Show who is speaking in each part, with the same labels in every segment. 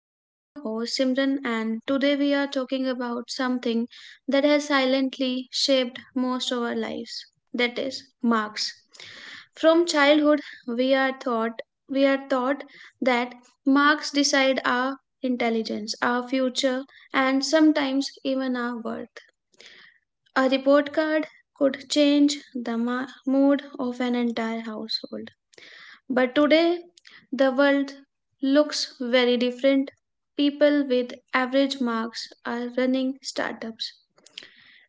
Speaker 1: I'm your host Simran, and today we are talking about something that has silently shaped most of our lives, that is, marks. From childhood, we are taught we are taught that marks decide our intelligence, our future, and sometimes even our worth. A report card could change the mood of an entire household. But today, the world looks very different. People with average marks are running startups.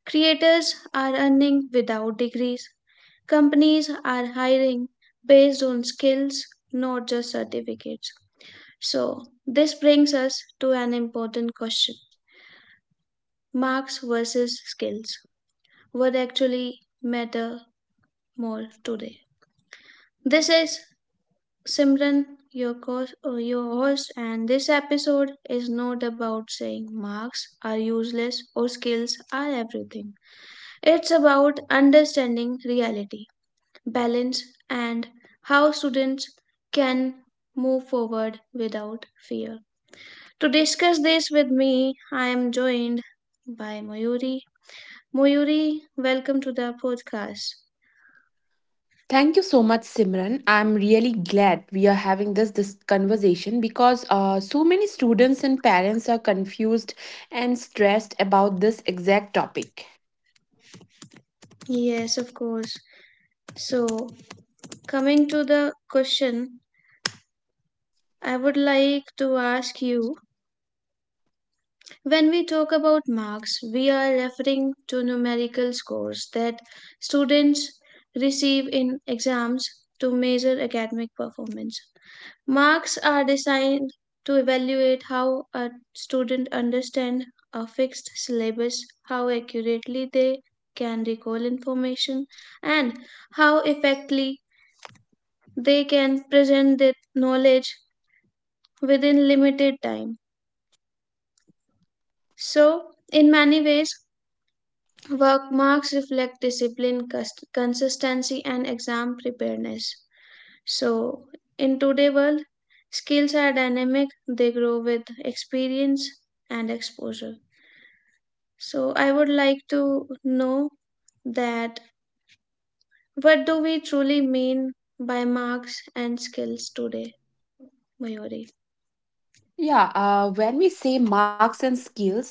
Speaker 1: Creators are earning without degrees. Companies are hiring based on skills, not just certificates. So, this brings us to an important question: marks versus skills. What actually matter more today? This is Simran, your, your host, and this episode is not about saying marks are useless or skills are everything. It's about understanding reality, balance, and how students can move forward without fear. To discuss this with me, I am joined by Mayuri. Mayuri, welcome to the podcast.
Speaker 2: Thank you so much, Simran. I'm really glad we are having this conversation because so many students and parents are confused and stressed about this exact topic.
Speaker 1: Yes, of course. So, coming to the question I would like to ask you, when we talk about marks, we are referring to numerical scores that students receive in exams to measure academic performance. Marks are designed to evaluate how a student understands a fixed syllabus, how accurately they can recall information, and how effectively they can present their knowledge within limited time. So, in many ways, work marks reflect discipline, consistency, and exam preparedness. So, in today's world, skills are dynamic, they grow with experience and exposure. So, I would like to know that what do we truly mean by marks and skills today, Mayuri?
Speaker 2: Yeah, when we say marks and skills,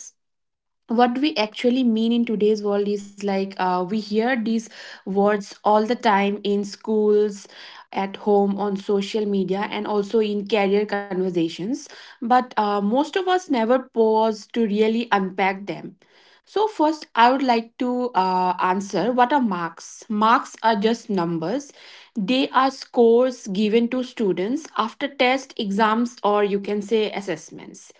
Speaker 2: what do we actually mean in today's world is like we hear these words all the time in schools, at home, on social media, and also in career conversations. But most of us never pause to really unpack them. So, first, I would like to answer, what are marks? Marks are just numbers, they are scores given to students after test, exams, or you can say assessments.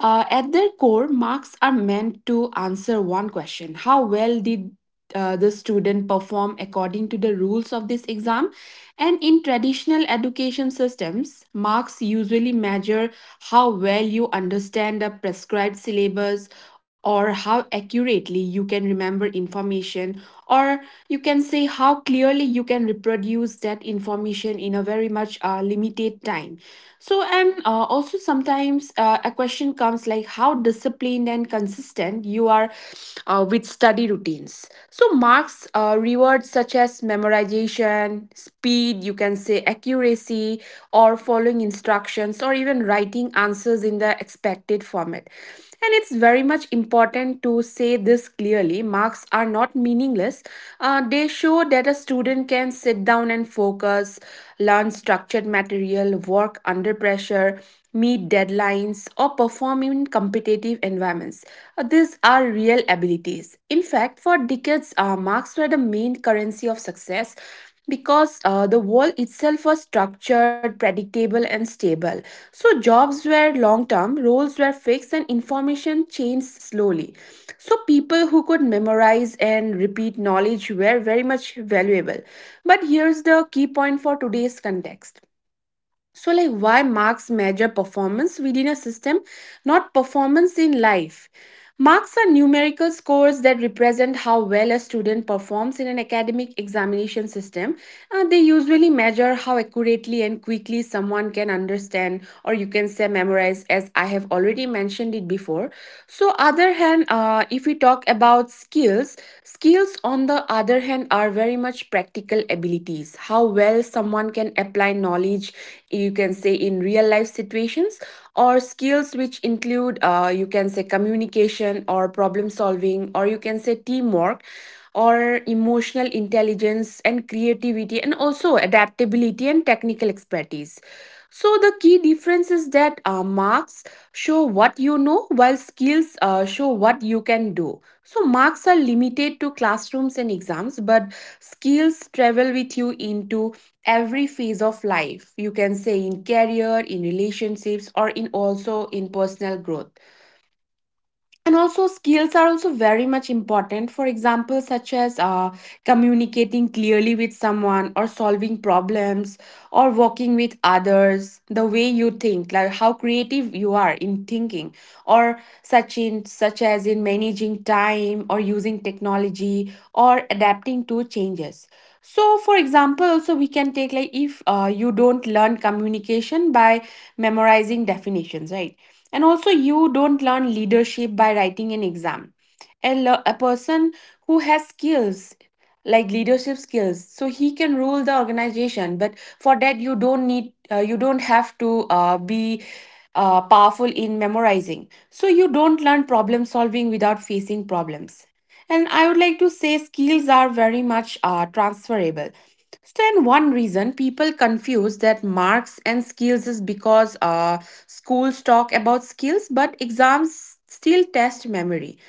Speaker 2: At their core, marks are meant to answer one question: how well did the student perform according to the rules of this exam, and in traditional education systems marks usually measure how well you understand the prescribed syllabus, or how accurately you can remember information, or you can say how clearly you can reproduce that information in a very much limited time. So and also sometimes a question comes like how disciplined and consistent you are with study routines. So, marks rewards such as memorization, speed, you can say accuracy, or following instructions, or even writing answers in the expected format. And it's very much important to say this clearly. Marks are not meaningless. They show that a student can sit down and focus, learn structured material, work under pressure, meet deadlines, or perform in competitive environments. These are real abilities. In fact, for decades, marks were the main currency of success because the world itself was structured, predictable, and stable. So, jobs were long term, roles were fixed, and information changed slowly. So, people who could memorize and repeat knowledge were very much valuable. But here's the key point for today's context, so like why marks measure performance within a system, not performance in life. Marks are numerical scores that represent how well a student performs in an academic examination system. They usually measure how accurately and quickly someone can understand, or you can say memorize, as I have already mentioned it before. So other hand if we talk about skills, skills on the other hand are very much practical abilities. How well someone can apply knowledge, you can say, in real life situations, or skills which include, you can say, communication, or problem solving, or you can say, teamwork, or emotional intelligence and creativity, and also adaptability and technical expertise. So the key difference is that marks show what you know, while skills show what you can do. So marks are limited to classrooms and exams, but skills travel with you into every phase of life. You can say in career, in relationships, or in also in personal growth. And also skills are also very much important, for example such as communicating clearly with someone, or solving problems, or working with others, the way you think, like how creative you are in thinking, or such in such as in managing time, or using technology, or adapting to changes. So for example also we can take, like if you don't learn communication by memorizing definitions, right? And also, you don't learn leadership by writing an exam. A person who has skills, like leadership skills, so he can rule the organization. But for that, you don't need, you don't have to be powerful in memorizing. So you don't learn problem solving without facing problems. And I would like to say skills are very much transferable. Stand one reason people confuse that marks and skills is because schools talk about skills, but exams still test memory.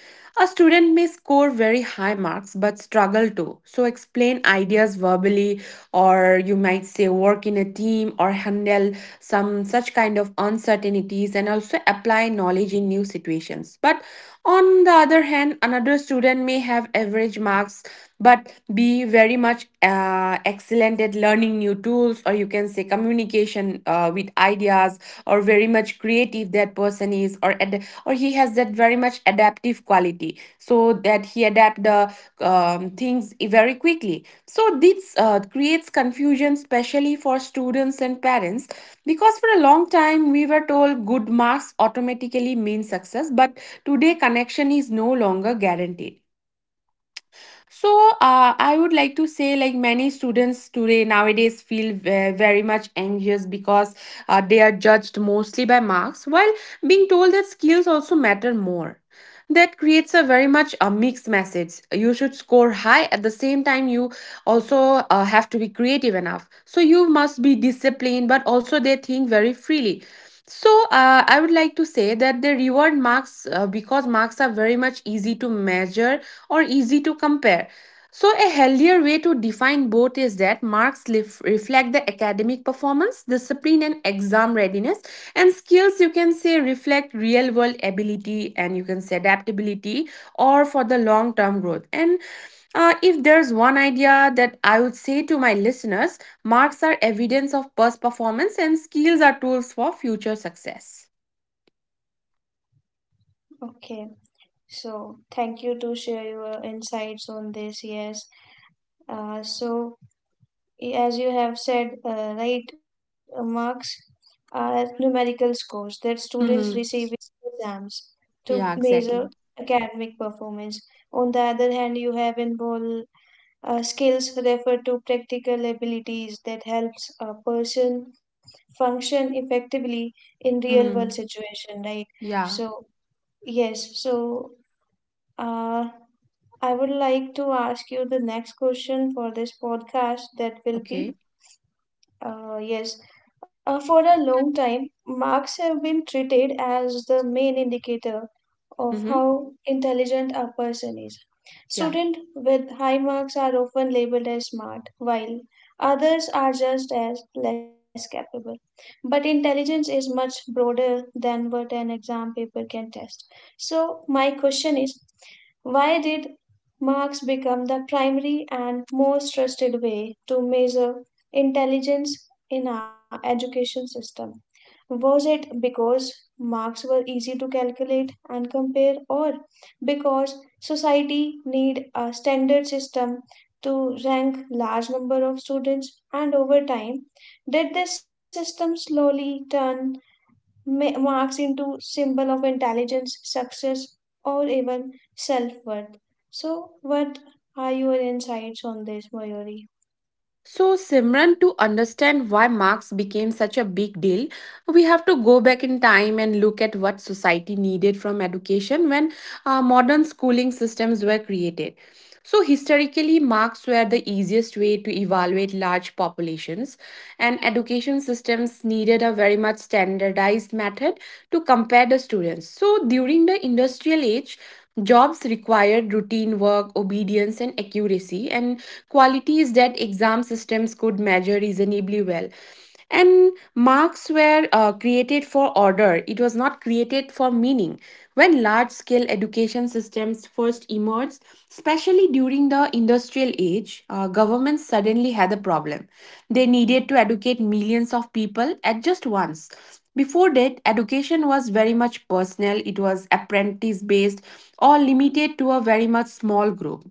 Speaker 2: A student may score very high marks but struggle to. So, explain ideas verbally, or you might say work in a team, or handle some such kind of uncertainties, and also apply knowledge in new situations. But on the other hand, another student may have average marks but be very much excellent at learning new tools, or you can say communication with ideas, or very much creative that person is, or or he has that very much adaptive quality, so that he adapt the things very quickly. So this creates confusion, especially for students and parents, because for a long time we were told good marks automatically mean success, but today connection is no longer guaranteed. So I would like to say, like many students today nowadays feel very much anxious because they are judged mostly by marks, while being told that skills also matter more. That creates a very much a mixed message. You should score high at the same time. You also have to be creative enough. So you must be disciplined, but also they think very freely. So I would like to say that they reward marks because marks are very much easy to measure, or easy to compare. So, a healthier way to define both is that marks reflect the academic performance, discipline, and exam readiness, and skills you can say reflect real world ability and you can say adaptability, or for the long term growth. And if there's one idea that I would say to my listeners, marks are evidence of past performance, and skills are tools for future success.
Speaker 1: Okay, so thank you to share your insights on this. Yes, so, as you have said, right, marks are numerical scores that students receive
Speaker 2: Mhm.
Speaker 1: in exams to
Speaker 2: Yeah,
Speaker 1: measure
Speaker 2: exactly.
Speaker 1: academic performance. On the other hand, you have involved skills referred to practical abilities that helps a person function effectively in real world
Speaker 2: Mhm.
Speaker 1: situation, right?
Speaker 2: Yeah,
Speaker 1: So yes, so uh, I would like to ask you the next question for this podcast that will
Speaker 2: okay.
Speaker 1: be yes. For a long time, marks have been treated as the main indicator of
Speaker 2: Hmm.
Speaker 1: how intelligent a person is.
Speaker 2: Yeah.
Speaker 1: Students with high marks are often labeled as smart, while others are just as less capable. But intelligence is much broader than what an exam paper can test. So, my question is, why did marks become the primary and most trusted way to measure intelligence in our education system? Was it because Marks were easy to calculate and compare, or because society need a standard system to rank large number of students, and over time did this system slowly turn marks into symbol of intelligence success or even self-worth? So, what are your insights on this, Mayuri?
Speaker 2: So, Simran, to understand why Marx became such a big deal, we have to go back in time and look at what society needed from education when modern schooling systems were created. So, historically, marks were the easiest way to evaluate large populations, and education systems needed a very much standardized method to compare the students. So, during the industrial age, jobs required routine work, obedience, and accuracy, and qualities that exam systems could measure reasonably well. And marks were created for order, it was not created for meaning. When large scale education systems first emerged, especially during the industrial age, governments suddenly had a problem. They needed to educate millions of people at just once. Before that, education was very much personal, it was apprentice based, or limited to a very much small group.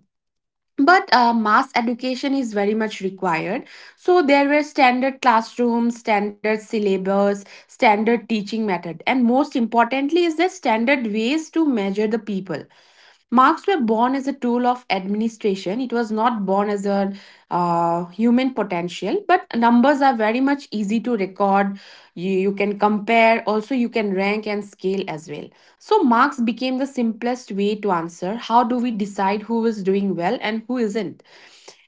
Speaker 2: But mass education is very much required. So there were standard classrooms, standard syllabus, standard teaching method, and most importantly is that standard ways to measure the people. Marks were born as a tool of administration, it was not born as a human potential. But numbers are very much easy to record, you can compare, also you can rank and scale as well. So marks became the simplest way to answer, how do we decide who is doing well and who isn't?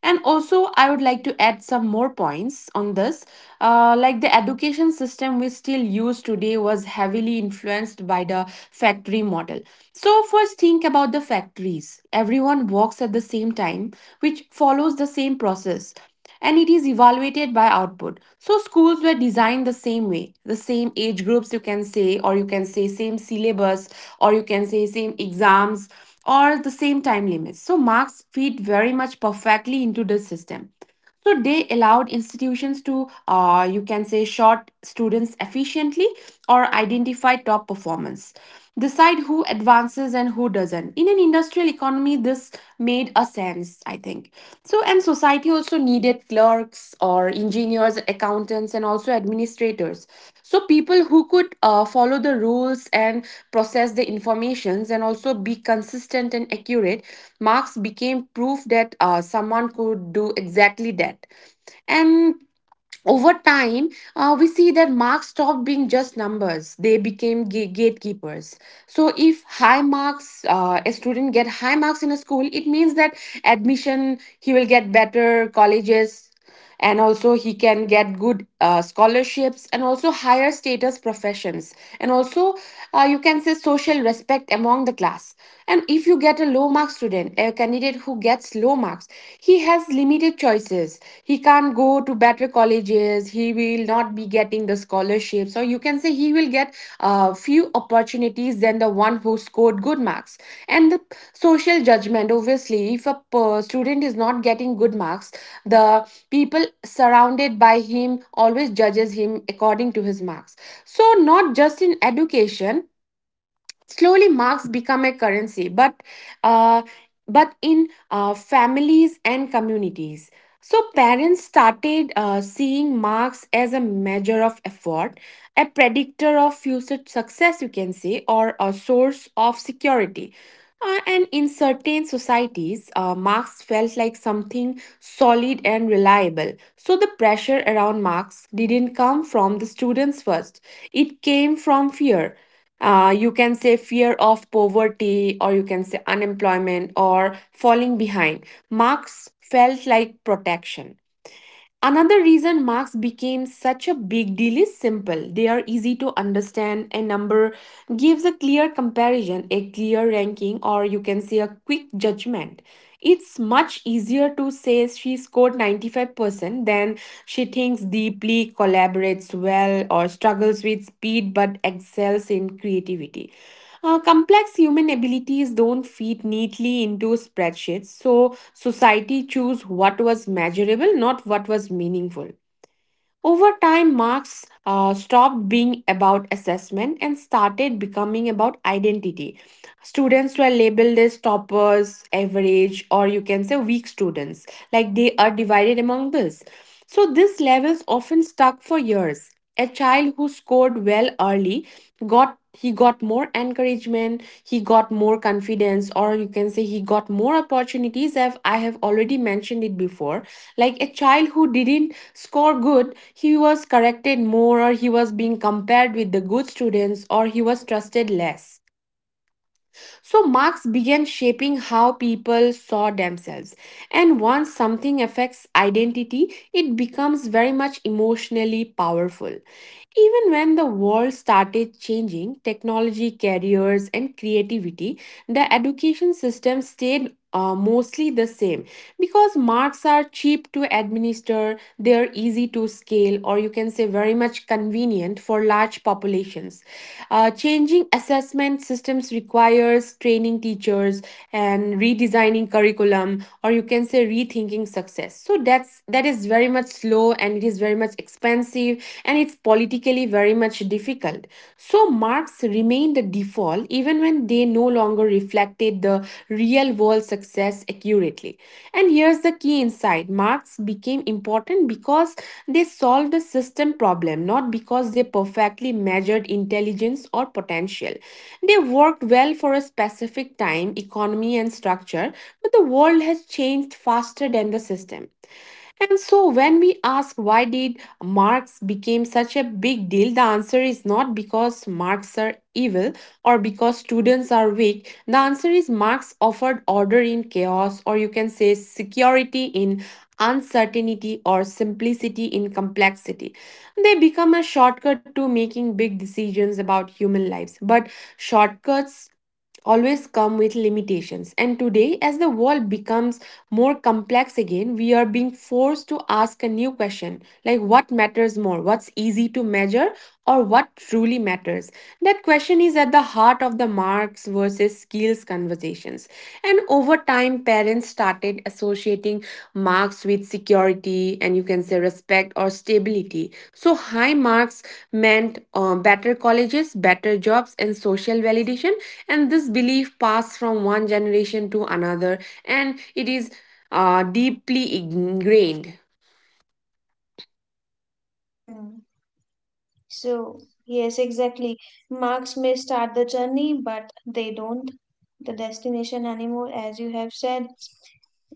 Speaker 2: And also, I would like to add some more points on this. Like the education system we still use today was heavily influenced by the factory model. So first think about the factories. Everyone works at the same time, which follows the same process, and it is evaluated by output. So schools were designed the same way, the same age groups you can say, or you can say same syllabus, or you can say same exams, or the same time limits. So marks fit very much perfectly into the system, so they allowed institutions to you can say short students efficiently, or identify top performance, decide who advances and who doesn't. In an industrial economy this made a sense I think. So and society also needed clerks or engineers, accountants, and also administrators. So people who could follow the rules and process the informations, and also be consistent and accurate. Marx became proof that someone could do exactly that. And over time, we see that marks stopped being just numbers. They became gatekeepers. So, if high marks, a student get high marks in a school, it means that admission he will get better colleges, and also he can get good scholarships and also higher status professions. And also, you can say social respect among the class. And if you get a low mark student, a candidate who gets low marks, he has limited choices, he can't go to better colleges, he will not be getting the scholarships, or you can say he will get a few opportunities than the one who scored good marks. And the social judgment obviously, if a student is not getting good marks, the people surrounded by him always judges him according to his marks. So, not just in education, slowly marks become a currency uh, but in families and communities. So parents started seeing marks as a measure of effort, a predictor of future success you can say, or a source of security. And in certain societies marks felt like something solid and reliable. So the pressure around marks didn't come from the students first, it came from fear. You can say fear of poverty, or you can say unemployment or falling behind. Marks felt like protection. Another reason marks became such a big deal is simple. They are easy to understand. A number gives a clear comparison, a clear ranking, or you can say a quick judgment. It's much easier to say she scored 95% than she thinks deeply, collaborates well, or struggles with speed but excels in creativity. Complex human abilities don't fit neatly into spreadsheets, so society chose what was measurable, not what was meaningful. Over time, marks stopped being about assessment and started becoming about identity. Students were labeled as toppers, average, or you can say weak students, like they are divided among this. So, these levels often stuck for years. A child who scored well early got more encouragement, he got more confidence, or you can say he got more opportunities as I have already mentioned it before. Like a child who didn't score good, he was corrected more, or he was being compared with the good students, or he was trusted less. So marks began shaping how people saw themselves. And once something affects identity, it becomes very much emotionally powerful. Even when the world started changing, technology, careers, and creativity, the education system stayed mostly the same, because marks are cheap to administer, they are easy to scale, or you can say very much convenient for large populations. Changing assessment systems requires training teachers and redesigning curriculum, or you can say rethinking success. So that is very much slow, and it is very much expensive, and it's politically very much difficult world. So marks remained the default even when they no longer reflected the real world success accurately. And here's the key insight: marks became important because they solved a system problem, not because they perfectly measured intelligence or potential. They worked well for a specific time, economy, and structure, but the world has changed faster than the system. And so when we ask why did Marx became such a big deal, the answer is not because Marx are evil or because students are weak. The answer is Marx offered order in chaos, or you can say security in uncertainty, or simplicity in complexity. They become a shortcut to making big decisions about human lives. But shortcuts always come with limitations. And today, as the world becomes more complex again, we are being forced to ask a new question, like what matters more, what's easy to measure, or what truly matters. That question is at the heart of the marks versus skills conversations. And over time, parents started associating marks with security, and you can say respect or stability. So, high marks meant better colleges, better jobs, and social validation. And this belief passed from one generation to another, and it is deeply ingrained.
Speaker 1: Hmm. So, yes, exactly. Marks may start the journey, but they don't. The destination anymore, as you have said,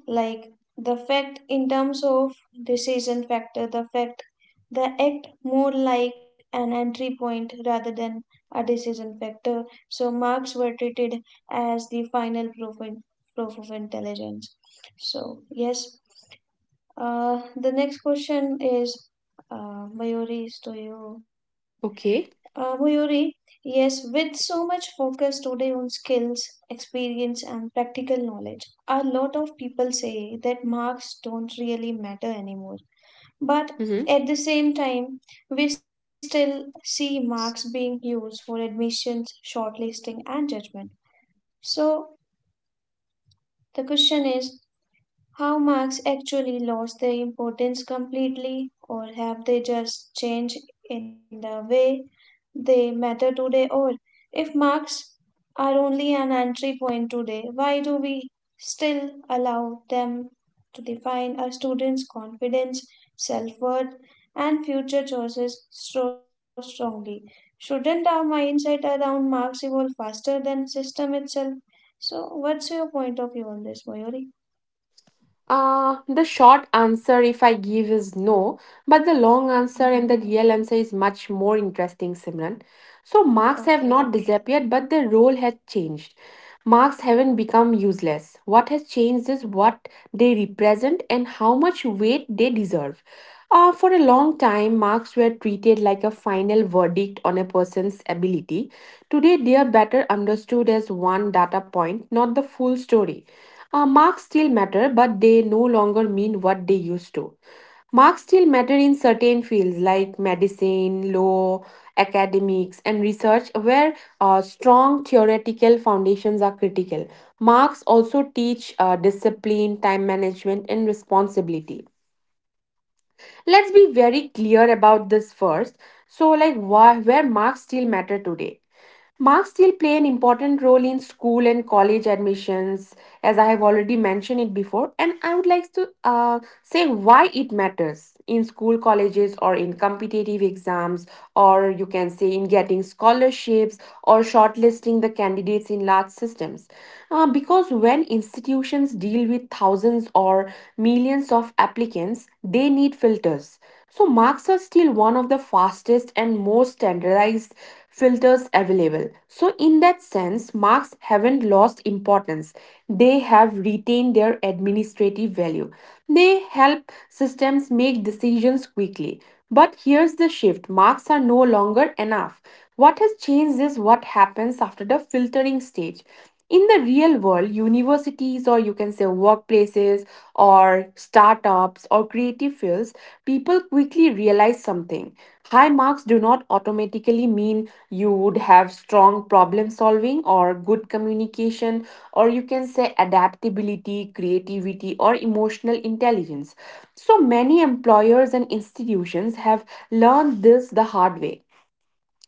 Speaker 1: like the fact in terms of decision factor, the fact, the act more like an entry point rather than a decision factor. So, marks were treated as the final proof, in, proof of intelligence. So, yes. The next question is, Mayuri, is to you.
Speaker 2: Okay.
Speaker 1: Muyuri, yes, with so much focus today on skills, experience, and practical knowledge, a lot of people say that marks don't really matter anymore. But
Speaker 2: Mhm.
Speaker 1: at the same time, we still see marks being used for admissions, shortlisting, and judgment. So the question is, how marks actually lost their importance completely, or have they just changed in the way they matter today? Or if marks are only an entry point today, why do we still allow them to define a student's confidence, self worth, and future choices so strongly? Shouldn't our mindset around marks evolve faster than system itself? So, what's your point of view on this, Mayuri?
Speaker 2: The short answer, if I give, is no, but the long answer and the
Speaker 1: hmm
Speaker 2: real answer is much more interesting, Simran. So, marks have
Speaker 1: Okay.
Speaker 2: not disappeared, but their role has changed. Marks haven't become useless. What has changed is what they represent and how much weight they deserve. For a long time, marks were treated like a final verdict on a person's ability. Today, they are better understood as one data point, not the full story. Marks still matter, but they no longer mean what they used to. Marks still matter in certain fields like medicine, law, academics, and research, where strong theoretical foundations are critical. Marks also teach discipline, time management, and responsibility. Let's be very clear about this first. So, like, why, where marks still matter today? Marks still play an important role in school and college admissions, as I have already mentioned it before. And I would like to say why it matters in school, colleges, or in competitive exams, or you can say in getting scholarships or shortlisting the candidates in large systems. Because when institutions deal with thousands or millions of applicants, they need filters. So, marks are still one of the fastest and most standardized filters available. So, in that sense, marks haven't lost importance. They have retained their administrative value. They help systems make decisions quickly. But here's the shift: marks are no longer enough. What has changed is what happens after the filtering stage. In the real world, universities, or you can say workplaces, or startups, or creative fields, people quickly realize something. High marks do not automatically mean you would have strong problem solving, or good communication, or you can say adaptability, creativity, or emotional intelligence. So many employers and institutions have learned this the hard way.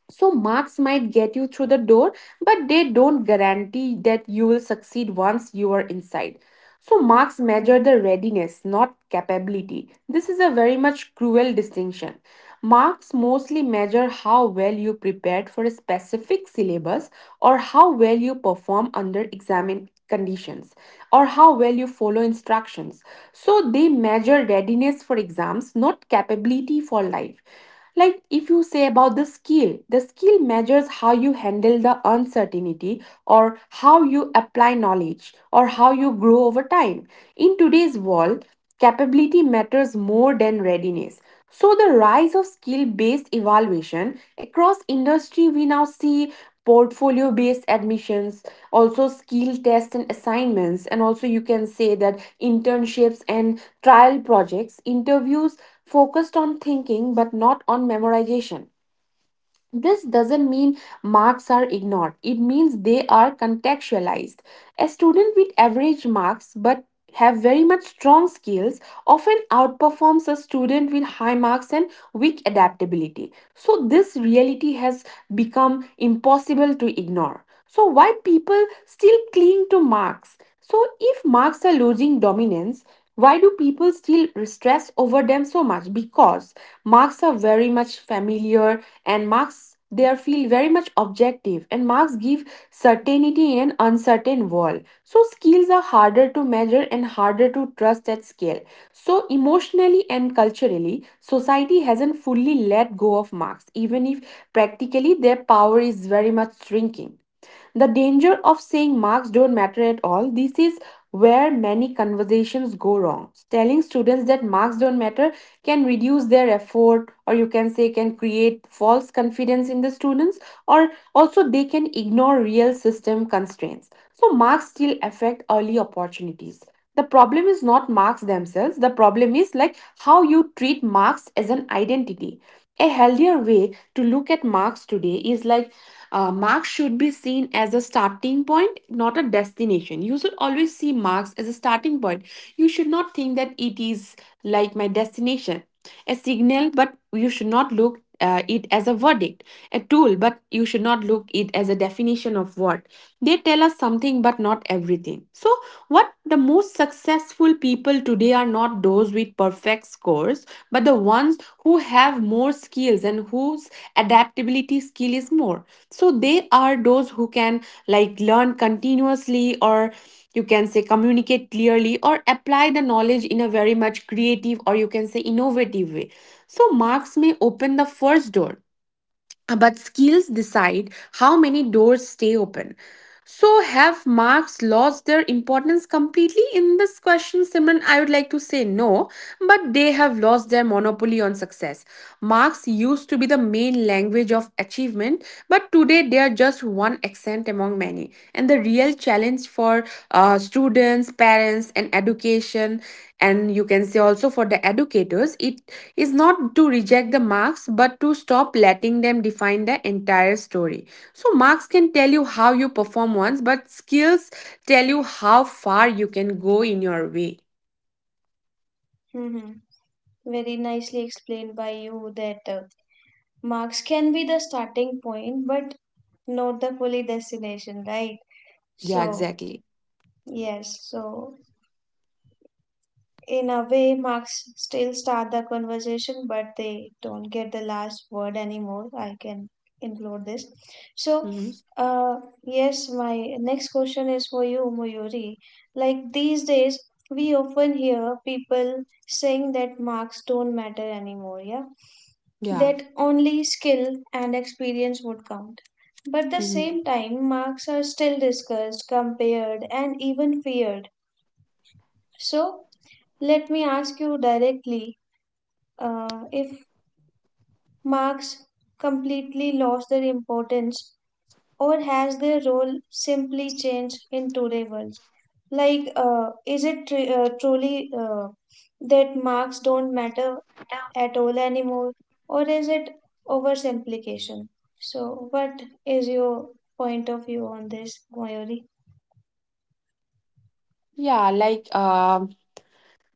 Speaker 2: So, marks might get you through the
Speaker 1: Mm,
Speaker 2: door, but they don't guarantee that you will succeed once you are inside. So, marks
Speaker 1: mm,
Speaker 2: measure the readiness, not capability. This is a very much cruel distinction. Marks mostly measure how well you prepared for a specific syllabus, or how well you perform under examin conditions, or how well you follow instructions. So, they measure readiness for exams, not capability for life. Like if you say about the skill measures how you handle the uncertainty, or how you apply knowledge, or how you grow over time. In today's world, capability matters more than readiness. So the rise of skill-based evaluation across industry, we now see portfolio-based admissions, also skill tests and assignments, and also you can say that internships and trial projects, interviews focused on thinking but not on memorization. This doesn't mean marks are ignored, it means they are contextualized. A student with average marks but have very much strong skills often outperforms a student with high marks and weak adaptability. So, this reality has become impossible to ignore. So, why people still cling to marks? So, if marks are losing dominance, why do people still stress over them so much? Because marks are very much familiar, and marks there feel very much objective, and marks give certainty in an uncertain world. So skills are harder to measure and harder to trust at scale. So emotionally and culturally society hasn't fully let go of marks, even if practically their power is very much shrinking. The danger of saying marks don't matter at all, this is where many conversations go wrong. Telling students that marks don't matter can reduce their effort, or you can say, can create false confidence in the students, or also they can ignore real system constraints. So, marks still affect early opportunities. The problem is not marks themselves, the problem is like how you treat marks as an identity. A healthier way to look at marks today is like, marks should be seen as a starting point, not a destination. You should always see marks as a starting point. You should not think that it is like my destination. A signal, but you should not look it as a verdict, a tool, but you should not look it as a definition of what. They tell us something, but not everything. So, what the most successful people today are not those with perfect scores, but the ones who have more skills and whose adaptability skill is more. So, they are those who can like learn continuously, or you can say communicate clearly, or apply the knowledge in a very much creative, or you can say innovative way. So marks may open the first door, but skills decide how many doors stay open. So have marks lost their importance completely in this question, Simran? I would like to say no, but they have lost their monopoly on success. Marks used to be the main language of achievement, but today they are just one accent among many. And the real challenge for students, parents, and education, and you can say also for the educators, it is not to reject the marks but to stop letting them define the entire story. So marks can tell you how you perform once, but skills tell you how far you can go in your way.
Speaker 1: Mm-hmm. Very nicely explained by you that marks can be the starting point, but not the fully destination, right?
Speaker 2: Yeah,
Speaker 1: So,
Speaker 2: exactly.
Speaker 1: yes. So, in a way, marks still start the conversation, but they don't get the last word anymore. I can include this. So,
Speaker 2: Hmm.
Speaker 1: uh, yes, my next question is for you, Muyuri. Like these days, we often hear people saying that marks don't matter anymore, yeah?
Speaker 2: Yeah.
Speaker 1: That only skill and experience would count. But at the
Speaker 2: Hmm.
Speaker 1: same time, marks are still discussed, compared, and even feared. So, let me ask you directly, if marks completely lost their importance or has their role simply changed in today's world, like truly that marks don't matter at all anymore, or is it oversimplification? So what is your point of view on this, Mayuri?
Speaker 2: Yeah.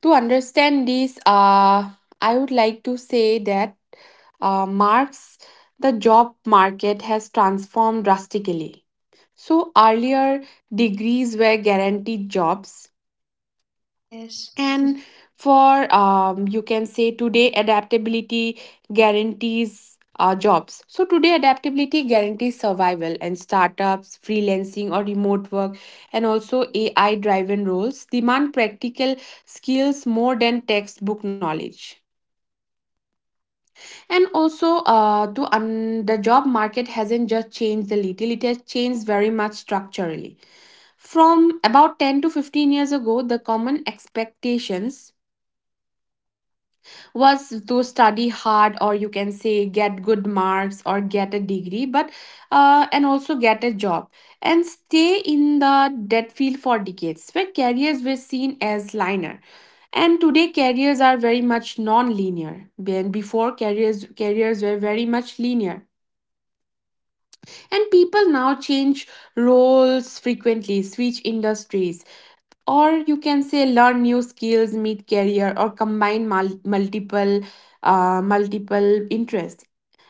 Speaker 2: To understand this, I would like to say that Marx, the job market has transformed drastically. So, earlier, degrees were guaranteed jobs.
Speaker 1: yes
Speaker 2: And for you can say today adaptability guarantees jobs. So today adaptability guarantees survival, and startups, freelancing or remote work, and also AI driven roles demand practical skills more than textbook knowledge. And also, the job market hasn't just changed a little; it has changed very much structurally. From about 10 to 15 years ago, the common expectations was to study hard, or you can say get good marks or get a degree, but and also get a job and stay in the debt field for decades, where careers were seen as linear. And today careers are very much non-linear. When before careers careers were very much linear, and people now change roles frequently, switch industries, or you can say learn new skills, meet career, or combine multiple interests.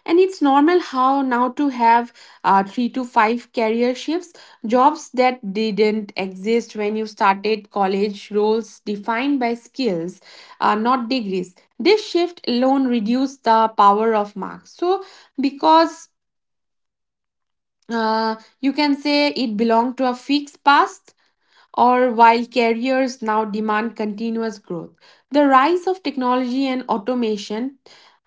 Speaker 2: And it's normal how now to have three to five career shifts, jobs that didn't exist when you started college, roles defined by skills, not degrees. This shift alone reduced the power of marks. So, because uh, you can say it belonged to a fixed past, or while carriers now demand continuous growth. The rise of technology and automation.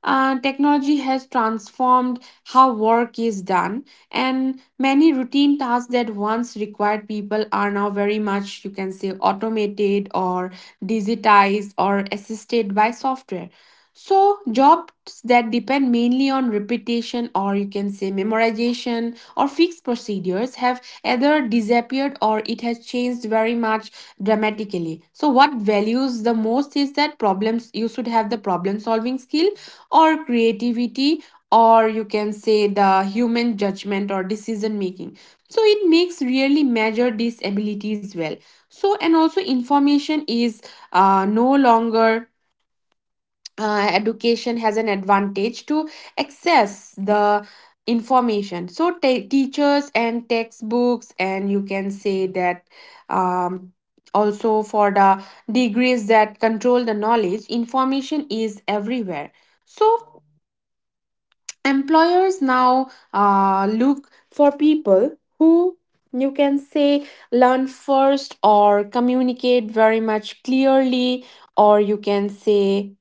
Speaker 2: Technology has transformed how work is done, and many routine tasks that once required people are now very much, you can say, automated or digitized or assisted by software. So, jobs that depend mainly on repetition or you can say memorization or fixed procedures have either disappeared or it has changed very much dramatically. So, what values the most is that problems you should have the problem solving skill, or creativity, or you can say the human judgment or decision making. So, it makes really measure these abilities well. So, and also information is no longer education has an advantage to access the information. So teachers and textbooks, and you can say that um, also for the degrees that control the knowledge, information is everywhere. So employers now look for people who, you can say, learn first or communicate very much clearly, or you can say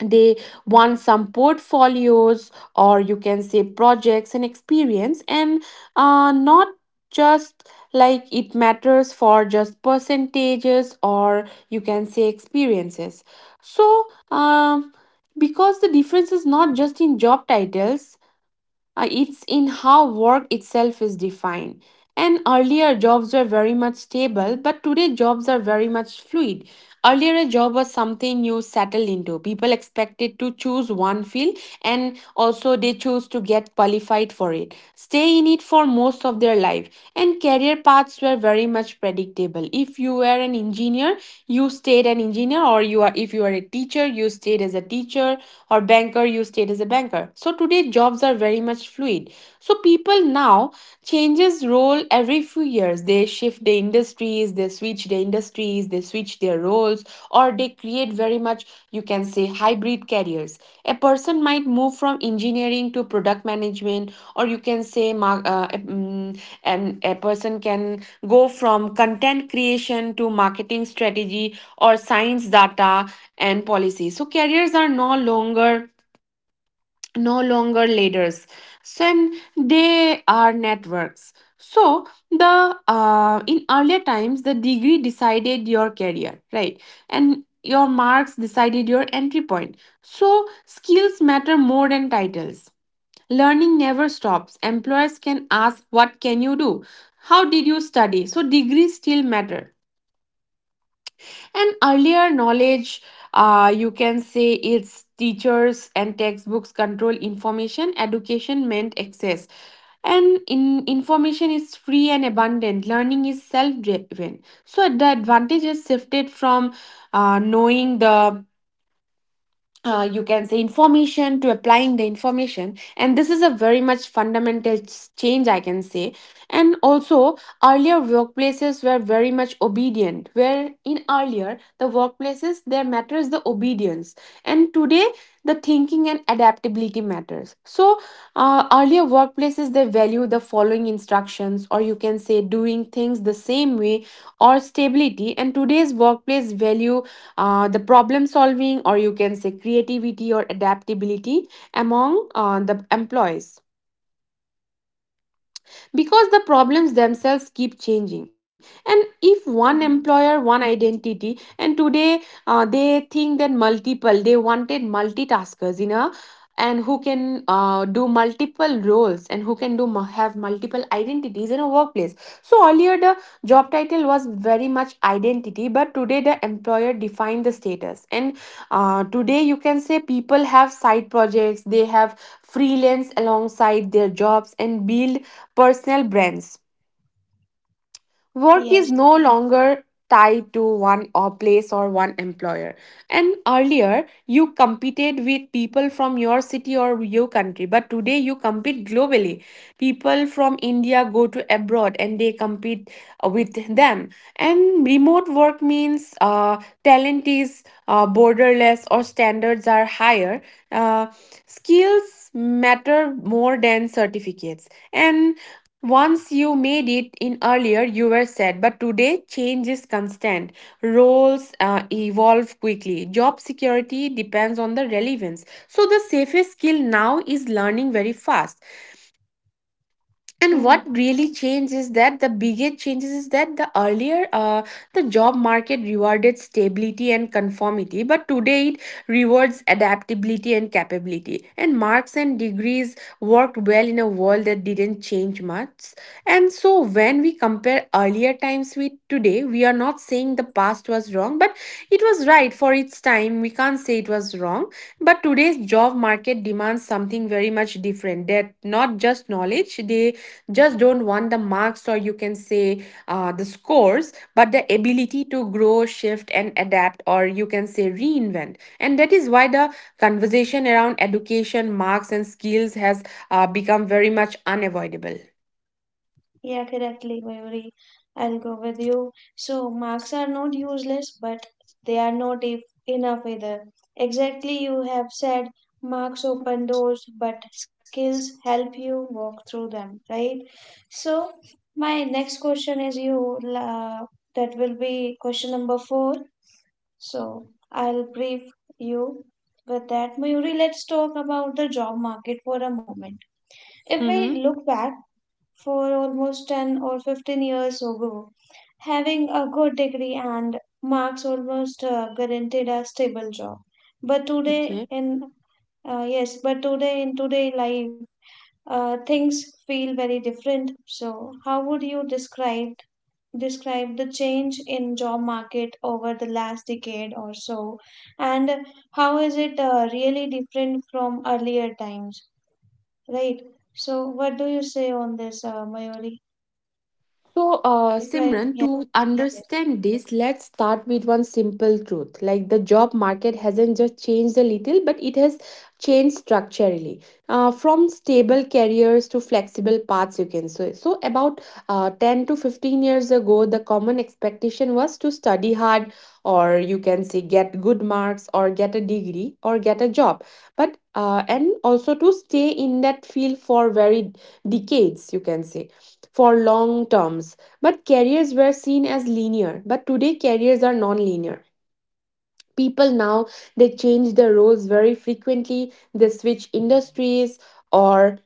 Speaker 2: they want some portfolios, or you can say projects and experience, and not just like it matters for just percentages, or you can say experiences. So um, because the difference is not just in job titles, it's in how work itself is defined. And earlier jobs were very much stable, but today jobs are very much fluid. Earlier, a job was something you settled into. People expected to choose one field, and also they chose to get qualified for it, stay in it for most of their life. And career paths were very much predictable. If you were an engineer, you stayed an engineer, or you are if you are a teacher, you stayed as a teacher, or banker, you stayed as a banker. So today jobs are very much fluid. So people now change changes role every few years. They shift the industries, they switch the industries, they switch their roles, or they create very much, you can say, hybrid careers. A person might move from engineering to product management, or you can say, and a person can go from content creation to marketing strategy or science data and policy. So, careers are no longer leaders, then they are networks. So the in earlier times the degree decided your career, right? And your marks decided your entry point. So skills matter more than titles. Learning never stops. Employers can ask what can you do, how did you study. So degrees still matter. And earlier knowledge, you can say it's teachers and textbooks control information, education meant access. And in information is free and abundant. Learning is self-driven. So the advantages shifted from knowing the you can say information to applying the information. And this is a very much fundamental change I can say. And also, earlier workplaces were very much obedient, where in earlier the workplaces there matters the obedience, and today the thinking and adaptability matters. So earlier workplaces they value the following instructions, or you can say doing things the same way or stability, and today's workplace value the problem solving, or you can say creativity or adaptability among the employees, because the problems themselves keep changing. And if one
Speaker 1: hmm
Speaker 2: employer one identity, and today they think that multiple, they wanted multitaskers in a and who can do multiple roles and who can do mu- have multiple identity identities in a workplace. So earlier the job title was very much identity, but today the employer defined the status. And today you can say people have side projects, they have freelance alongside their jobs and build personal brands. Work
Speaker 1: yes
Speaker 2: is no longer tied to one or place or one employer. And earlier, you competed with people from your city or your country, but today you compete globally. People from India go to abroad and they compete with them. And remote work means talent is borderless or standards are higher. Uh, Skills matter more than certificates. And once you made it in earlier, you were set, but today change is constant. Roles evolve quickly. Job security depends on the relevance. So, the safest skill now is learning very fast. And
Speaker 1: hmm
Speaker 2: what really changed is that the biggest changes is that the earlier the job market rewarded stability and conformity, but today it rewards adaptability and capability. And marks and degrees worked well in a world that didn't change much. And so when we compare earlier times with today, we are not saying the past was wrong, but it was right for its time, we can't say it was wrong. But today's job market demands something very much different. That not just knowledge; they just don't want the marks, or you can say the scores, but the ability to grow, shift, and adapt, or you can say reinvent. And that is why the conversation around education, marks, and skills has become very much unavoidable.
Speaker 1: Yeah, correctly, Mayuri. I'll go with you. So, marks are not useless, but they are not if enough either. Exactly, you have said marks open doors, but skills help you walk through them, right? So, my next question is you, that will be question number four. So, I'll brief you with that. Mayuri, let's talk about the job market for a moment. If we
Speaker 2: Mm-hmm.
Speaker 1: look back, for almost 10 or 15 years ago. Having a good degree and marks almost guaranteed a stable job. But today
Speaker 2: Okay.
Speaker 1: in yes, but today in today life, things feel very different. So, how would you describe describe the change in job market over the last decade or so, and how is it really different from earlier times, right? So, what do you say on this, Mayuri?
Speaker 2: So,
Speaker 1: If I,
Speaker 2: Simran,
Speaker 1: yes,
Speaker 2: to
Speaker 1: yes,
Speaker 2: understand this, let's start with one simple truth. Like the job market hasn't just changed a little, but it has changed structurally. From stable careers to flexible paths, you can say. So, about 10 to 15 years ago, the common expectation was to study hard, or you can say get good marks, or get a degree, or get a job. But and also to stay in that field for very decades, you can say, for long terms. But careers were seen as linear, but today careers are non-linear. People now they change their roles very frequently, they switch industries, or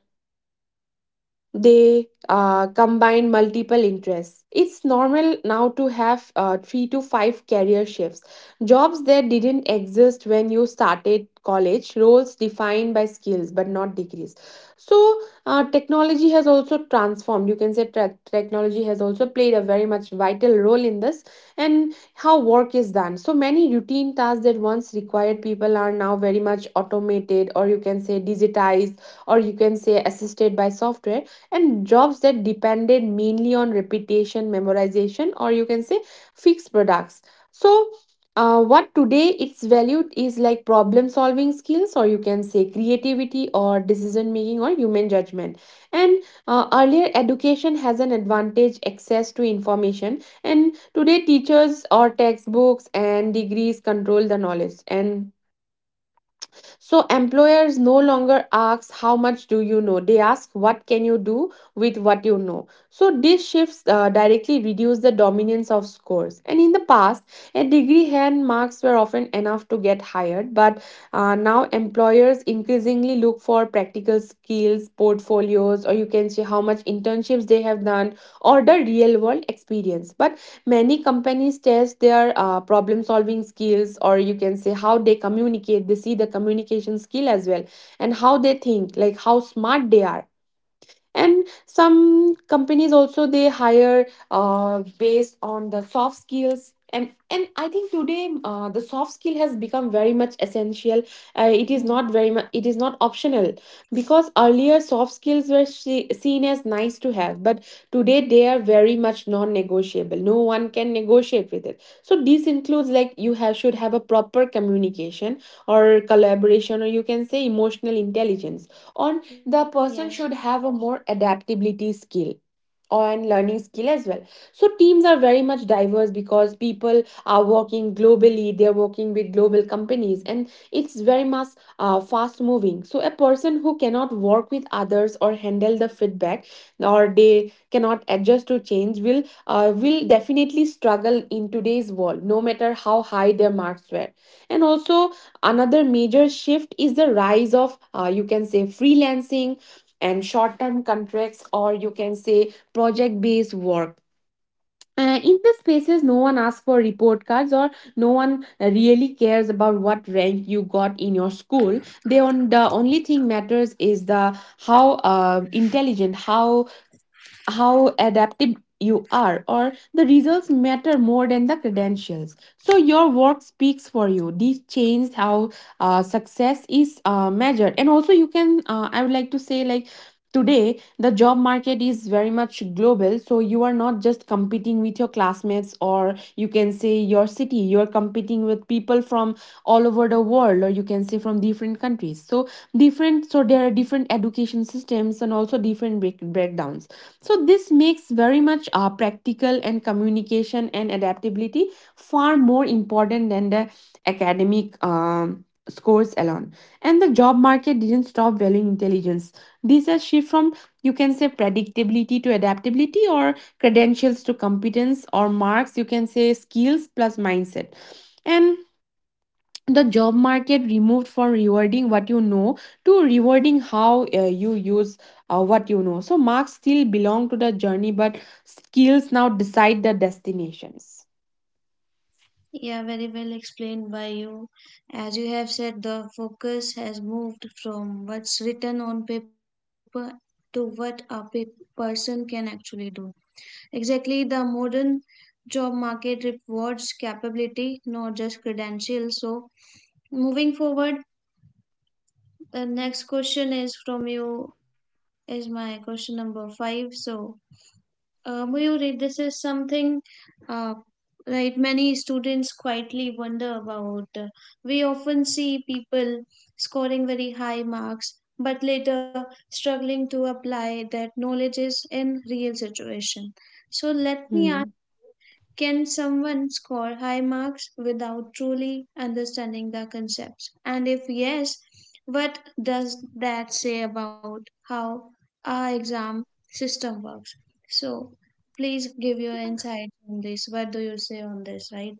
Speaker 2: they combine multiple interests. It's normal now to have three to five career shifts. Jobs that didn't exist when you started college, roles defined by skills but not degrees. So, technology has also transformed. You can say technology has also played a very much vital role in this, and how work is done. So, many routine tasks that once required people are now very much automated, or you can say digitized, or you can say assisted by software, and jobs that depended mainly on repetition, memorization, or you can say fixed products. So, what today it's valued is like problem solving skills, or you can say creativity, or decision making, or human judgment. And earlier education has an advantage access to information, and today teachers or textbooks and degrees control the knowledge. And so employers no longer ask how much do you know. They ask what can you do with what you know. So these shifts directly reduce the dominance of scores. And in the past, a degree hand marks were often enough to get hired, but now employers increasingly look for practical skills, portfolios, or you can see how much internships they have done, or the real world experience. But many companies test their problem solving skills, or you can say how they communicate, they see the communication skill as well, and how they think, like how smart they are. And some companies also they hire based on the soft skills. And I think today the soft skill has become very much essential. It is
Speaker 1: mm,
Speaker 2: not very much, it is not optional, because earlier soft skills were seen as nice to have, but today they are very much non-negotiable, no one can negotiate with it. So this includes like you have should have a proper communication or collaboration, or you can say emotional intelligence, or the
Speaker 1: yes.
Speaker 2: person should have a more adaptability skill and learning skill as well. So teams are very much diverse because people are working globally, they're working with global companies, and it's very much fast moving. So a person who cannot work with others or handle the feedback, or they cannot adjust to change, will definitely struggle in today's world, no matter how high their marks were. And also, another major shift is the rise of, you can say, freelancing and short term contracts, or you can say project based work. In these spaces, no one asks for report cards, or no one really cares about what rank you got in your school. They on the only thing matters is the how intelligent, how adaptive you are, or the results matter more than the credentials, so your work speaks for you. This changed how success is measured. And also you can I would like to say like today the job market is very much global, so you are not just competing with your classmates, or you can say your city. You are competing with people from all over the world, or you can say from different countries. So different so there are different education systems and also different breakdowns. So this makes very much practical and communication and adaptability far more important than the academic scores alone. And the job market didn't stop valuing intelligence. This has shift from, you can say, predictability to adaptability, or credentials to competence, or marks, you can say, skills plus mindset. And the job market removed from rewarding what you know to rewarding how you use what you know. So marks still belong to the journey, but skills now decide the destinations.
Speaker 1: Yeah, very well explained by you. As you have said, the focus has moved from what's written on paper to what a person can actually do. Exactly, the modern job market rewards capability, not just credentials. So, moving forward, the next question is from you, is my question number five. So, Mayuri, this is something uh, right, many students quietly wonder about. We often see people scoring very high marks but later struggling to apply that knowledge is in real situation. So let me ask,
Speaker 2: Hmm.
Speaker 1: can someone score high marks without truly understanding the concepts? And if yes, what does that say about how our exam system works? So, please give your insight on this. What do you say on this, right?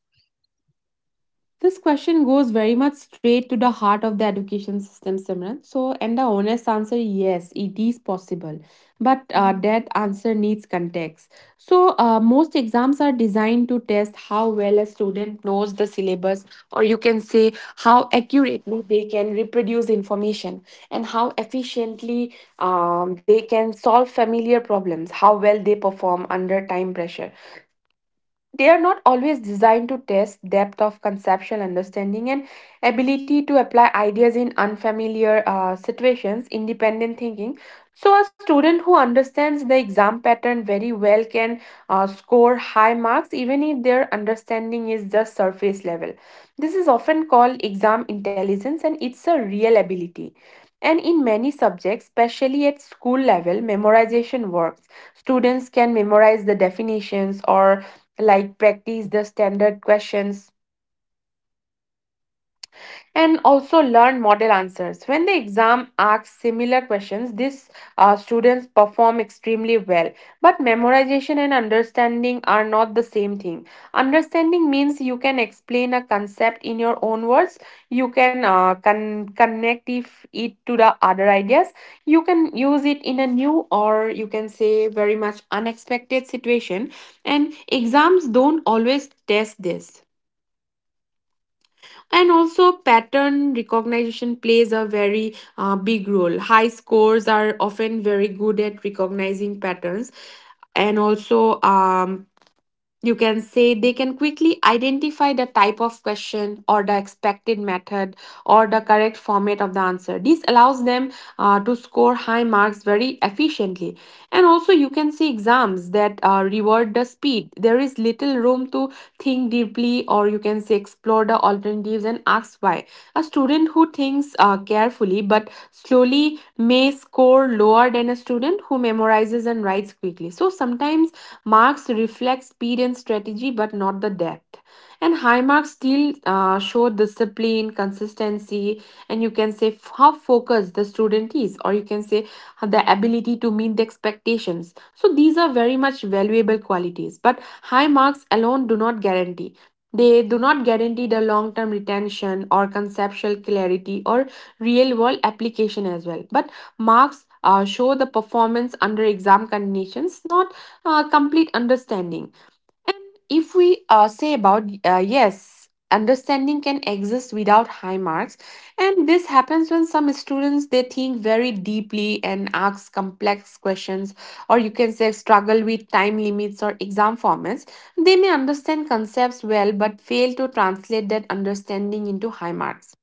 Speaker 2: This question goes very much straight to the heart of the education system, Simran. So, and the honest answer, yes, it is possible. But
Speaker 1: Mhm.
Speaker 2: that answer needs context. So, most exams are designed to test how well a student knows the syllabus, or you can say how accurately they can reproduce information, and how efficiently they can solve familiar problems, how well they perform under time pressure. They are not always designed to test depth of conceptual understanding and ability to apply ideas in unfamiliar situations, independent thinking. So a student who understands the exam pattern very well can score high marks even if their understanding is just surface level. This is often called exam intelligence, and it's a real ability. And in many subjects, especially at school level, memorization works. Students can memorize the definitions, or like practice the standard questions, and also learn model answers. When the exam asks similar questions, these students perform extremely well. But memorization and understanding are not the same thing. Understanding means you can explain a concept in your own words, you can connect if it to the other ideas, you can use it in a new, or you can say very much unexpected situation, and exams don't always test this. And also, pattern recognition plays a very big role. High scores are often very good at recognizing patterns, and also you can say they can quickly identify the type of question, or the expected method, or the correct format of the answer. This allows them to score high marks very efficiently. And also, you can see exams that reward the speed. There is little room to think deeply, or you can say explore the alternatives and ask why. A student who thinks carefully but slowly study may score lower than a student who memorizes and writes quickly. So sometimes marks reflect speed and strategy, but not the depth. And high marks still show discipline, consistency, and you can say how focused the student is, or you can say the ability to meet the expectations. So these are very much valuable qualities, but high marks alone do not guarantee. They do not guarantee the long term retention, or conceptual clarity, or real world application as well. But marks show the performance under exam conditions, not complete understanding. If we say about yes, understanding can exist without high marks, and this happens when some students they think very deeply and ask complex questions, or you can say struggle with time limits or exam formats. They may understand concepts well but fail to translate that understanding into high marks.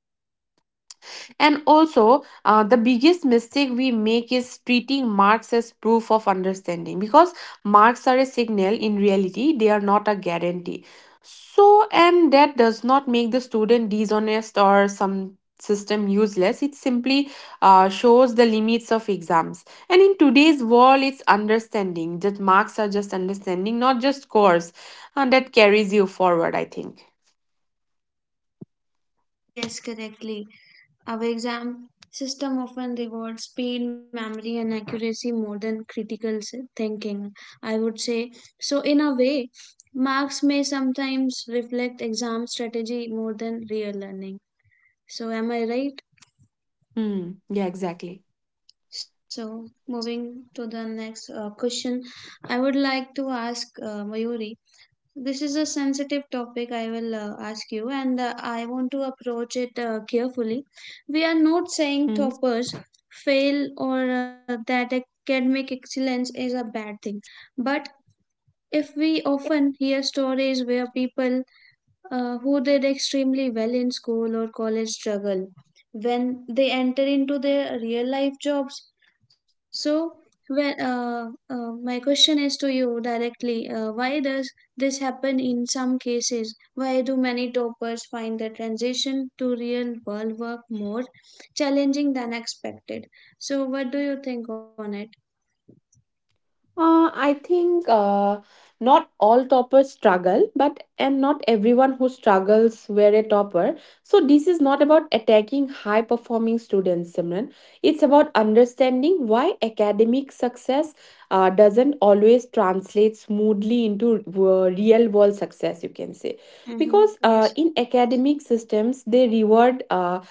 Speaker 2: And also, the biggest mistake we make is treating marks as proof of understanding, because marks are a signal. In reality, they are not a guarantee. So, and that does not make the student dishonest or some system useless. It simply shows the limits of exams. And in today's world, it's understanding that marks are just understanding, not just scores, and that carries you forward. I think.
Speaker 1: Yes, correctly. Our exam system often rewards speed, memory, and accuracy more than critical thinking, I would say. So, in a way, marks may sometimes reflect exam strategy more than real learning. So, am I right?
Speaker 2: Hmm. Yeah. Exactly.
Speaker 1: So, moving to the next question, I would like to ask Mayuri. This is a sensitive topic, I will ask you, and I want to approach it carefully. We are not
Speaker 2: Hmm.
Speaker 1: saying toppers fail or that academic excellence is a bad thing, but if we often hear stories where people who did extremely well in school or college struggle when they enter into their real life jobs. So when my question is to you directly, why does this happen in some cases? Why do many toppers find the transition to real world work more challenging than expected? So what do you think on it?
Speaker 2: I think not all toppers struggle, but and not everyone who struggles were a topper. So this is not about attacking high performing students, Simran. It's about understanding why academic success doesn't always translate smoothly into real world success. You can say,
Speaker 1: mm-hmm.
Speaker 2: because
Speaker 1: yes
Speaker 2: in academic systems they reward.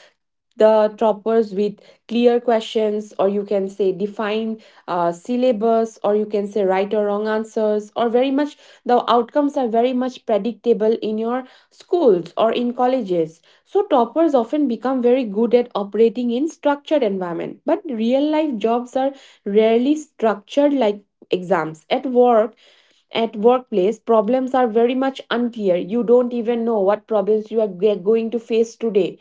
Speaker 2: The toppers with clear questions, or you can say define syllabus, or you can say right or wrong answers, or very much the outcomes are very much predictable in your schools or in colleges. So toppers often become very good at operating in structured environment, but real life jobs are rarely structured like exams at work. At workplace, problems are very much unclear. You don't even know what problems you are going to face today,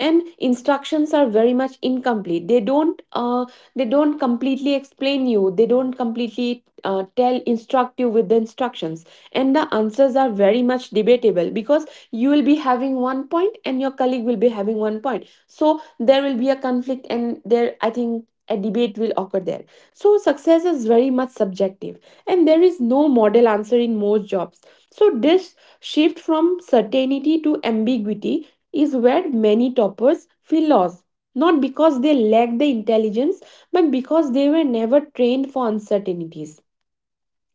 Speaker 2: and instructions are very much incomplete. They don't they don't completely explain you. They don't completely tell instruct you with the instructions. And the answers are very much debatable, because you will be having one point and your colleague will be having one point, so there will be a conflict, and there, I think, a debate will occur there. So success is very much subjective, and there is no model answer in most jobs. So, this shift from certainty to ambiguity is where many toppers feel lost. Not because they lack the intelligence, but because they were never trained for uncertainties.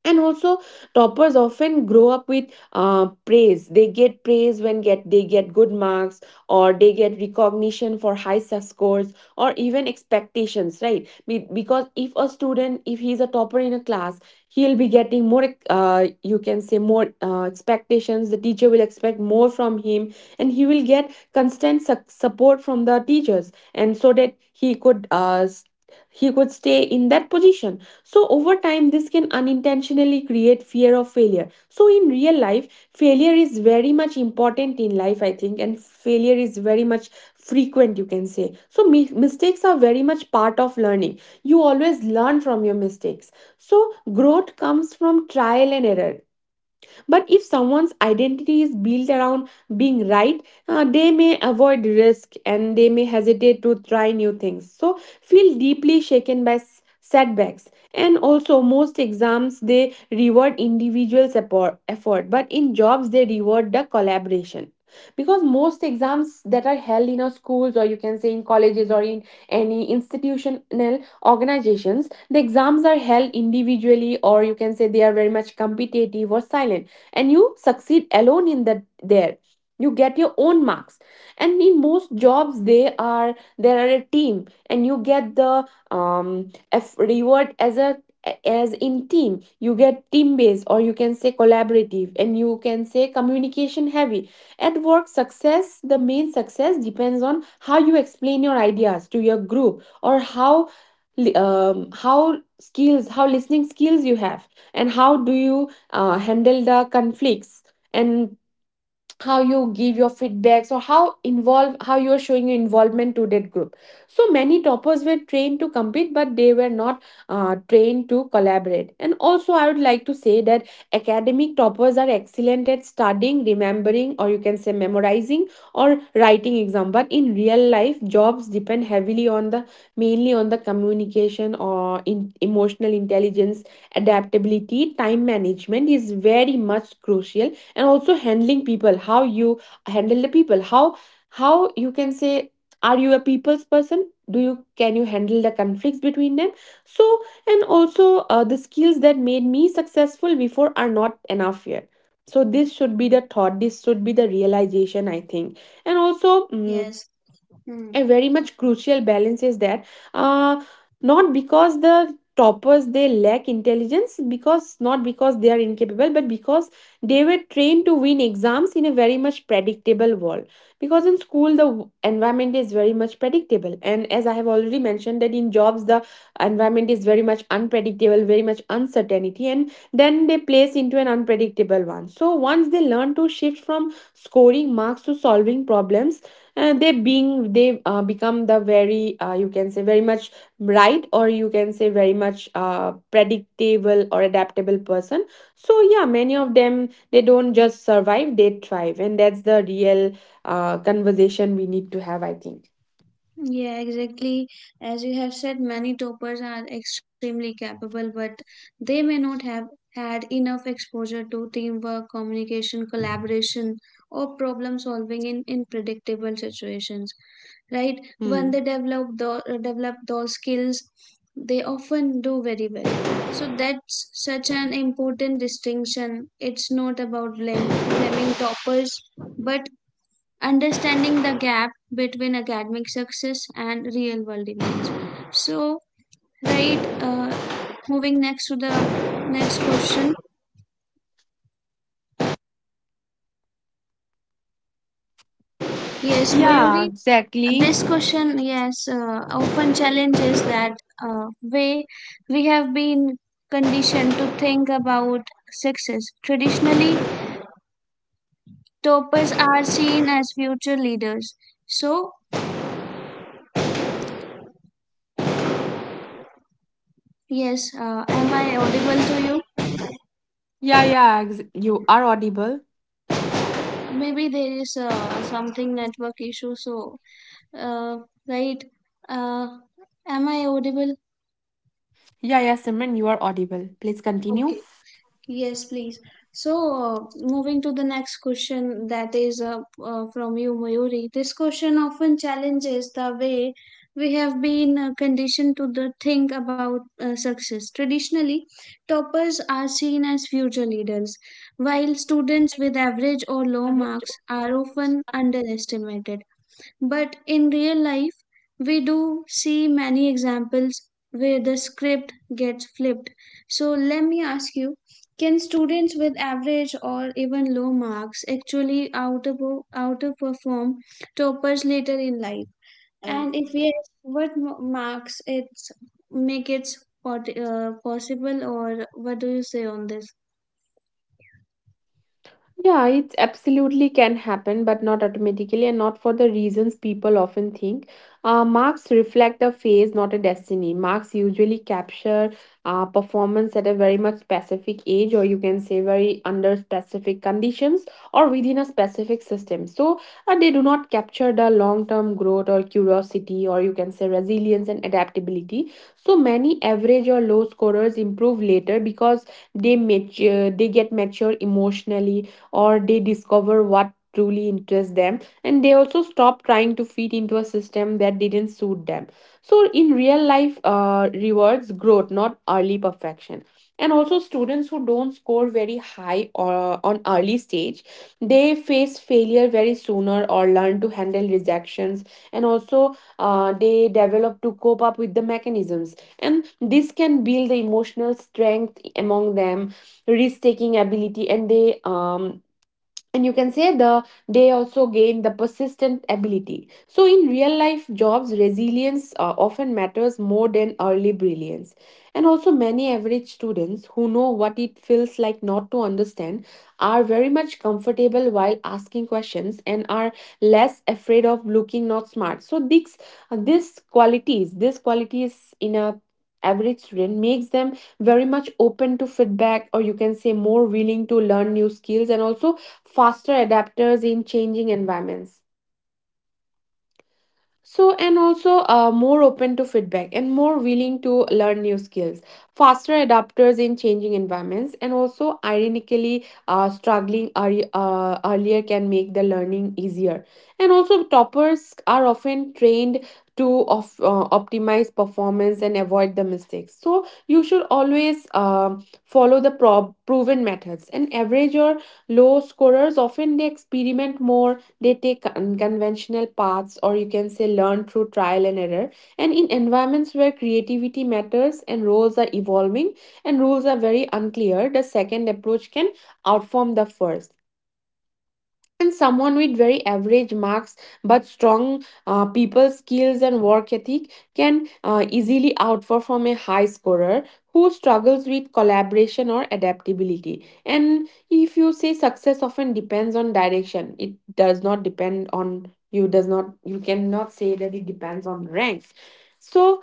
Speaker 2: And also, toppers often grow up with praise. They get praise when get they get good marks, or they get recognition for high scores, or even expectations, right? Because if a student, if he's a topper in a class, he'll be getting more, you can say more expectations. The teacher will expect more from him, and he will get constant support from the teachers, and so that he could he could stay in that position. So, over time, this can unintentionally create fear of failure. So, in real life, failure is very much important in life, I think, and failure is very much frequent, you can say. So, mistakes are very much part of learning. You always learn from your mistakes. So, growth comes from trial and error. But if someone's identity is built around being right, they may avoid risk and they may hesitate to try new things. So feel deeply shaken by setbacks. And also, most exams they reward individual support, effort, but in jobs they reward the collaboration. Because most exams that are held in our schools, or you can say in colleges, or in any institutional organizations, the exams are held individually, or you can say they are very much competitive or silent, and you succeed alone in that. There you get your own marks. And in most jobs they are there are a team, and you get the um F reward as a, as in team. You get team based, or you can say collaborative, and you can say communication heavy. At work success, the main success depends on how you explain your ideas to your group, or how li- how skills how listening skills you have, and how do you handle the conflicts, and how you give your feedbacks, or how you're showing your involvement to that group. So many toppers were trained to compete, but they were not trained to collaborate. And also I would like to say that academic toppers are excellent at studying, remembering, or you can say memorizing, or writing exam, but in real life jobs depend heavily on the, mainly on the communication, or in emotional intelligence. Adaptability, time management is very much crucial. And also handling people, how you handle the people, how you can say, are you a people's person, do you can you handle the conflicts between them? So, and also the skills that made me successful before are not enough here. So this should be the thought, this should be the realization, I think. And also
Speaker 1: yes
Speaker 2: a very much crucial balance is there. uh, Not because the toppers they lack intelligence, because not because they are incapable, but because they were trained to win exams in a very much predictable world. Because in school the environment is very much predictable, and as I have already mentioned that in jobs the environment is very much unpredictable, very much uncertainty, and then they place into an unpredictable one. So once they learn to shift from scoring marks to solving problems, they being they become the very, you can say very much right, or you can say very much predictable or adaptable person. So yeah, many of them they don't just survive, they thrive, and that's the real conversation we need to have, I think.
Speaker 1: Yeah, exactly. As you have said, many toppers are extremely capable, but they may not have had enough exposure to teamwork, communication, collaboration, or problem solving in predictable situations. Right? When
Speaker 2: Hmm.
Speaker 1: they develop develop those skills, they often do very well. So that's such an important distinction. It's not about blame, blaming toppers, but understanding the gap between academic success and real world demands. So right, moving next to the next question, yes
Speaker 2: Yeah,
Speaker 1: Mayuri,
Speaker 2: exactly.
Speaker 1: this question yes often challenges that way we have been conditioned to think about success. Traditionally toppers are seen as future leaders. So yes, am I audible to you?
Speaker 2: Yeah, yeah, you are audible.
Speaker 1: Maybe there is something network issue. So uh, right, uh, am I audible?
Speaker 2: Yeah, yeah, Simran, you are audible, please continue.
Speaker 1: Okay, yes please. So moving to the next question, that is from you Mayuri, this question often challenges the way we have been conditioned to the think about success. Traditionally toppers are seen as future leaders, while students with average or low marks are often underestimated. But in real life, we do see many examples where the script gets flipped. So let me ask you, can students with average or even low marks actually outer outperform toppers later in life? And if yes, what marks it's make it possible, or what do you say on this?
Speaker 2: Yeah, it absolutely can happen, but not automatically and not for the reasons people often think. Marks reflect a phase, not a destiny. Marks usually capture performance at a very much specific age, or you can say very under specific conditions or within a specific system. So they do not capture the long term growth or curiosity, or you can say resilience and adaptability. So many average or low scorers improve later because they mature, they get mature emotionally, or they discover what truly interests them, and they also stop trying to fit into a system that didn't suit them. So in real life rewards growth, not early perfection. And also students who don't score very high or on early stage, they face failure very sooner or learn to handle rejections. And also they develop to cope up with the mechanisms, and this can build the emotional strength among them, risk taking ability, and they and you can say they also gain the persistent ability. So in real life jobs, resilience often matters more than early brilliance. And also many average students who know what it feels like not to understand are very much comfortable while asking questions and are less afraid of looking not smart. So these, these qualities in a average student makes them very much open to feedback, or you can say more willing to learn new skills, and also faster adapters in changing environments. So and also more open to feedback and more willing to learn new skills, faster adapters in changing environments. And also ironically, struggling early, earlier can make the learning easier. And also toppers are often trained to optimize performance and avoid the mistakes, so you should always follow the prob proven methods, and average or low scorers often they experiment more. They take unconventional paths, or you can say learn through trial and error. And in environments where creativity matters and roles are evolving and rules are very unclear, the second approach can outform the first. And someone with very average marks but strong people skills and work ethic can easily outperform a high scorer who struggles with collaboration or adaptability. And if you say success often depends on direction, it does not depend on you, does not, you cannot say that it depends on ranks. So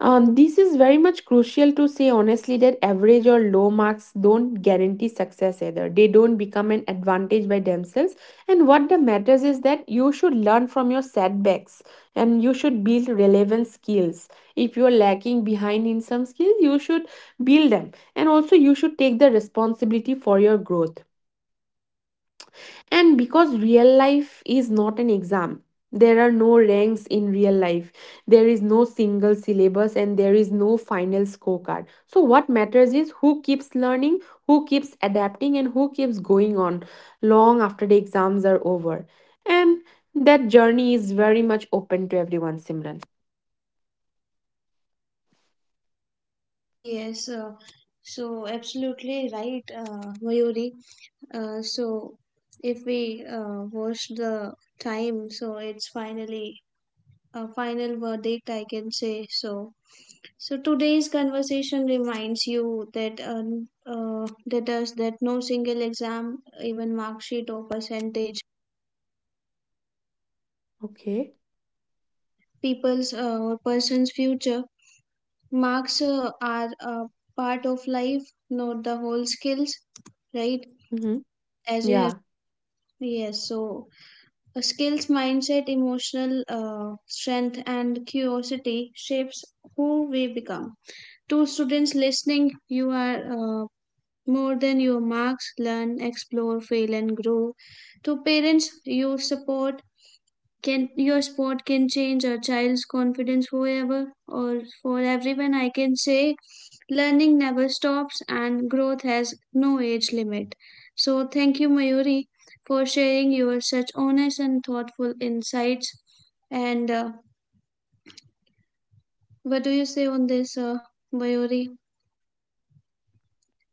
Speaker 2: this is very much crucial to say honestly that average or low marks don't guarantee success either. They don't become an advantage by themselves. And what the matters is that you should learn from your setbacks, and you should build relevant skills. If you're lacking behind in some skills, you should build them. And also you should take the responsibility for your growth. And because real life is not an exam, there are no ranks in real life. There is no single syllabus and there is no final scorecard. So, what matters is who keeps learning, who keeps adapting, and who keeps going on long after the exams are over. And that journey is very much open to everyone, Simran.
Speaker 1: Yes, so absolutely right, Mayuri. So if we watch the time, so it's finally a final verdict, I can say. So, so today's conversation reminds you that that us that no single exam, even mark sheet or percentage,
Speaker 2: Okay.
Speaker 1: people's or person's future marks are a part of life, not the whole skills, right?
Speaker 2: Mm-hmm.
Speaker 1: As you have,
Speaker 2: Yeah.
Speaker 1: yes, so a skills mindset, emotional strength, and curiosity shapes who we become. To students listening, you are more than your marks. Learn, explore, fail, and grow. To parents, you support can your sport can change a child's confidence forever, or for everyone I can say learning never stops and growth has no age limit. So thank you Mayuri for sharing your such honest and thoughtful insights, and what do you say on this, Mayuri,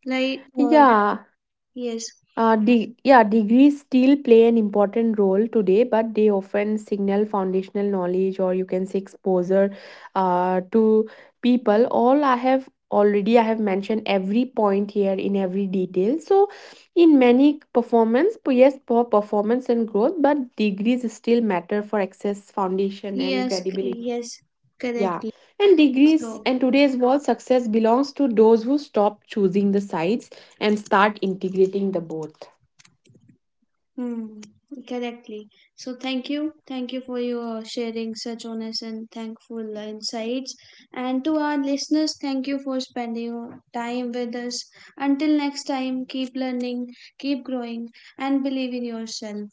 Speaker 1: like
Speaker 2: Yeah,
Speaker 1: yes,
Speaker 2: degrees still play an important role today, but they often signal foundational knowledge, or you can say exposure to people. All I have already I have mentioned every point here in every detail. So in many performance, yes, for performance and growth, but degrees still matter for access, foundation, and
Speaker 1: yes,
Speaker 2: credibility.
Speaker 1: yes,
Speaker 2: Yeah,
Speaker 1: correctly.
Speaker 2: and
Speaker 1: So
Speaker 2: degrees and today's world success belongs to those who stop choosing the sides and start integrating the both.
Speaker 1: hmm, correctly. So thank you. Thank you for your sharing such honest and thankful insights. And to our listeners, thank you for spending your time with us. Until next time, keep learning, keep growing, and believe in yourself.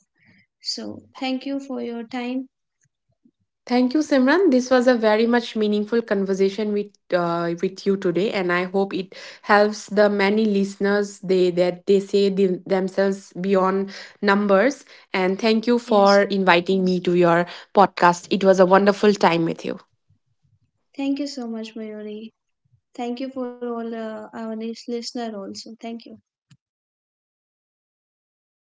Speaker 1: So thank you for your time.
Speaker 2: Thank you, Simran. This was a very much meaningful conversation with you today, and I hope it helps the many listeners they that they say themselves beyond numbers. And thank you for
Speaker 1: Yes.
Speaker 2: inviting me to your podcast. It was a wonderful time with you.
Speaker 1: Thank you so much, Mayuri. Thank you for all our listener also. Thank you.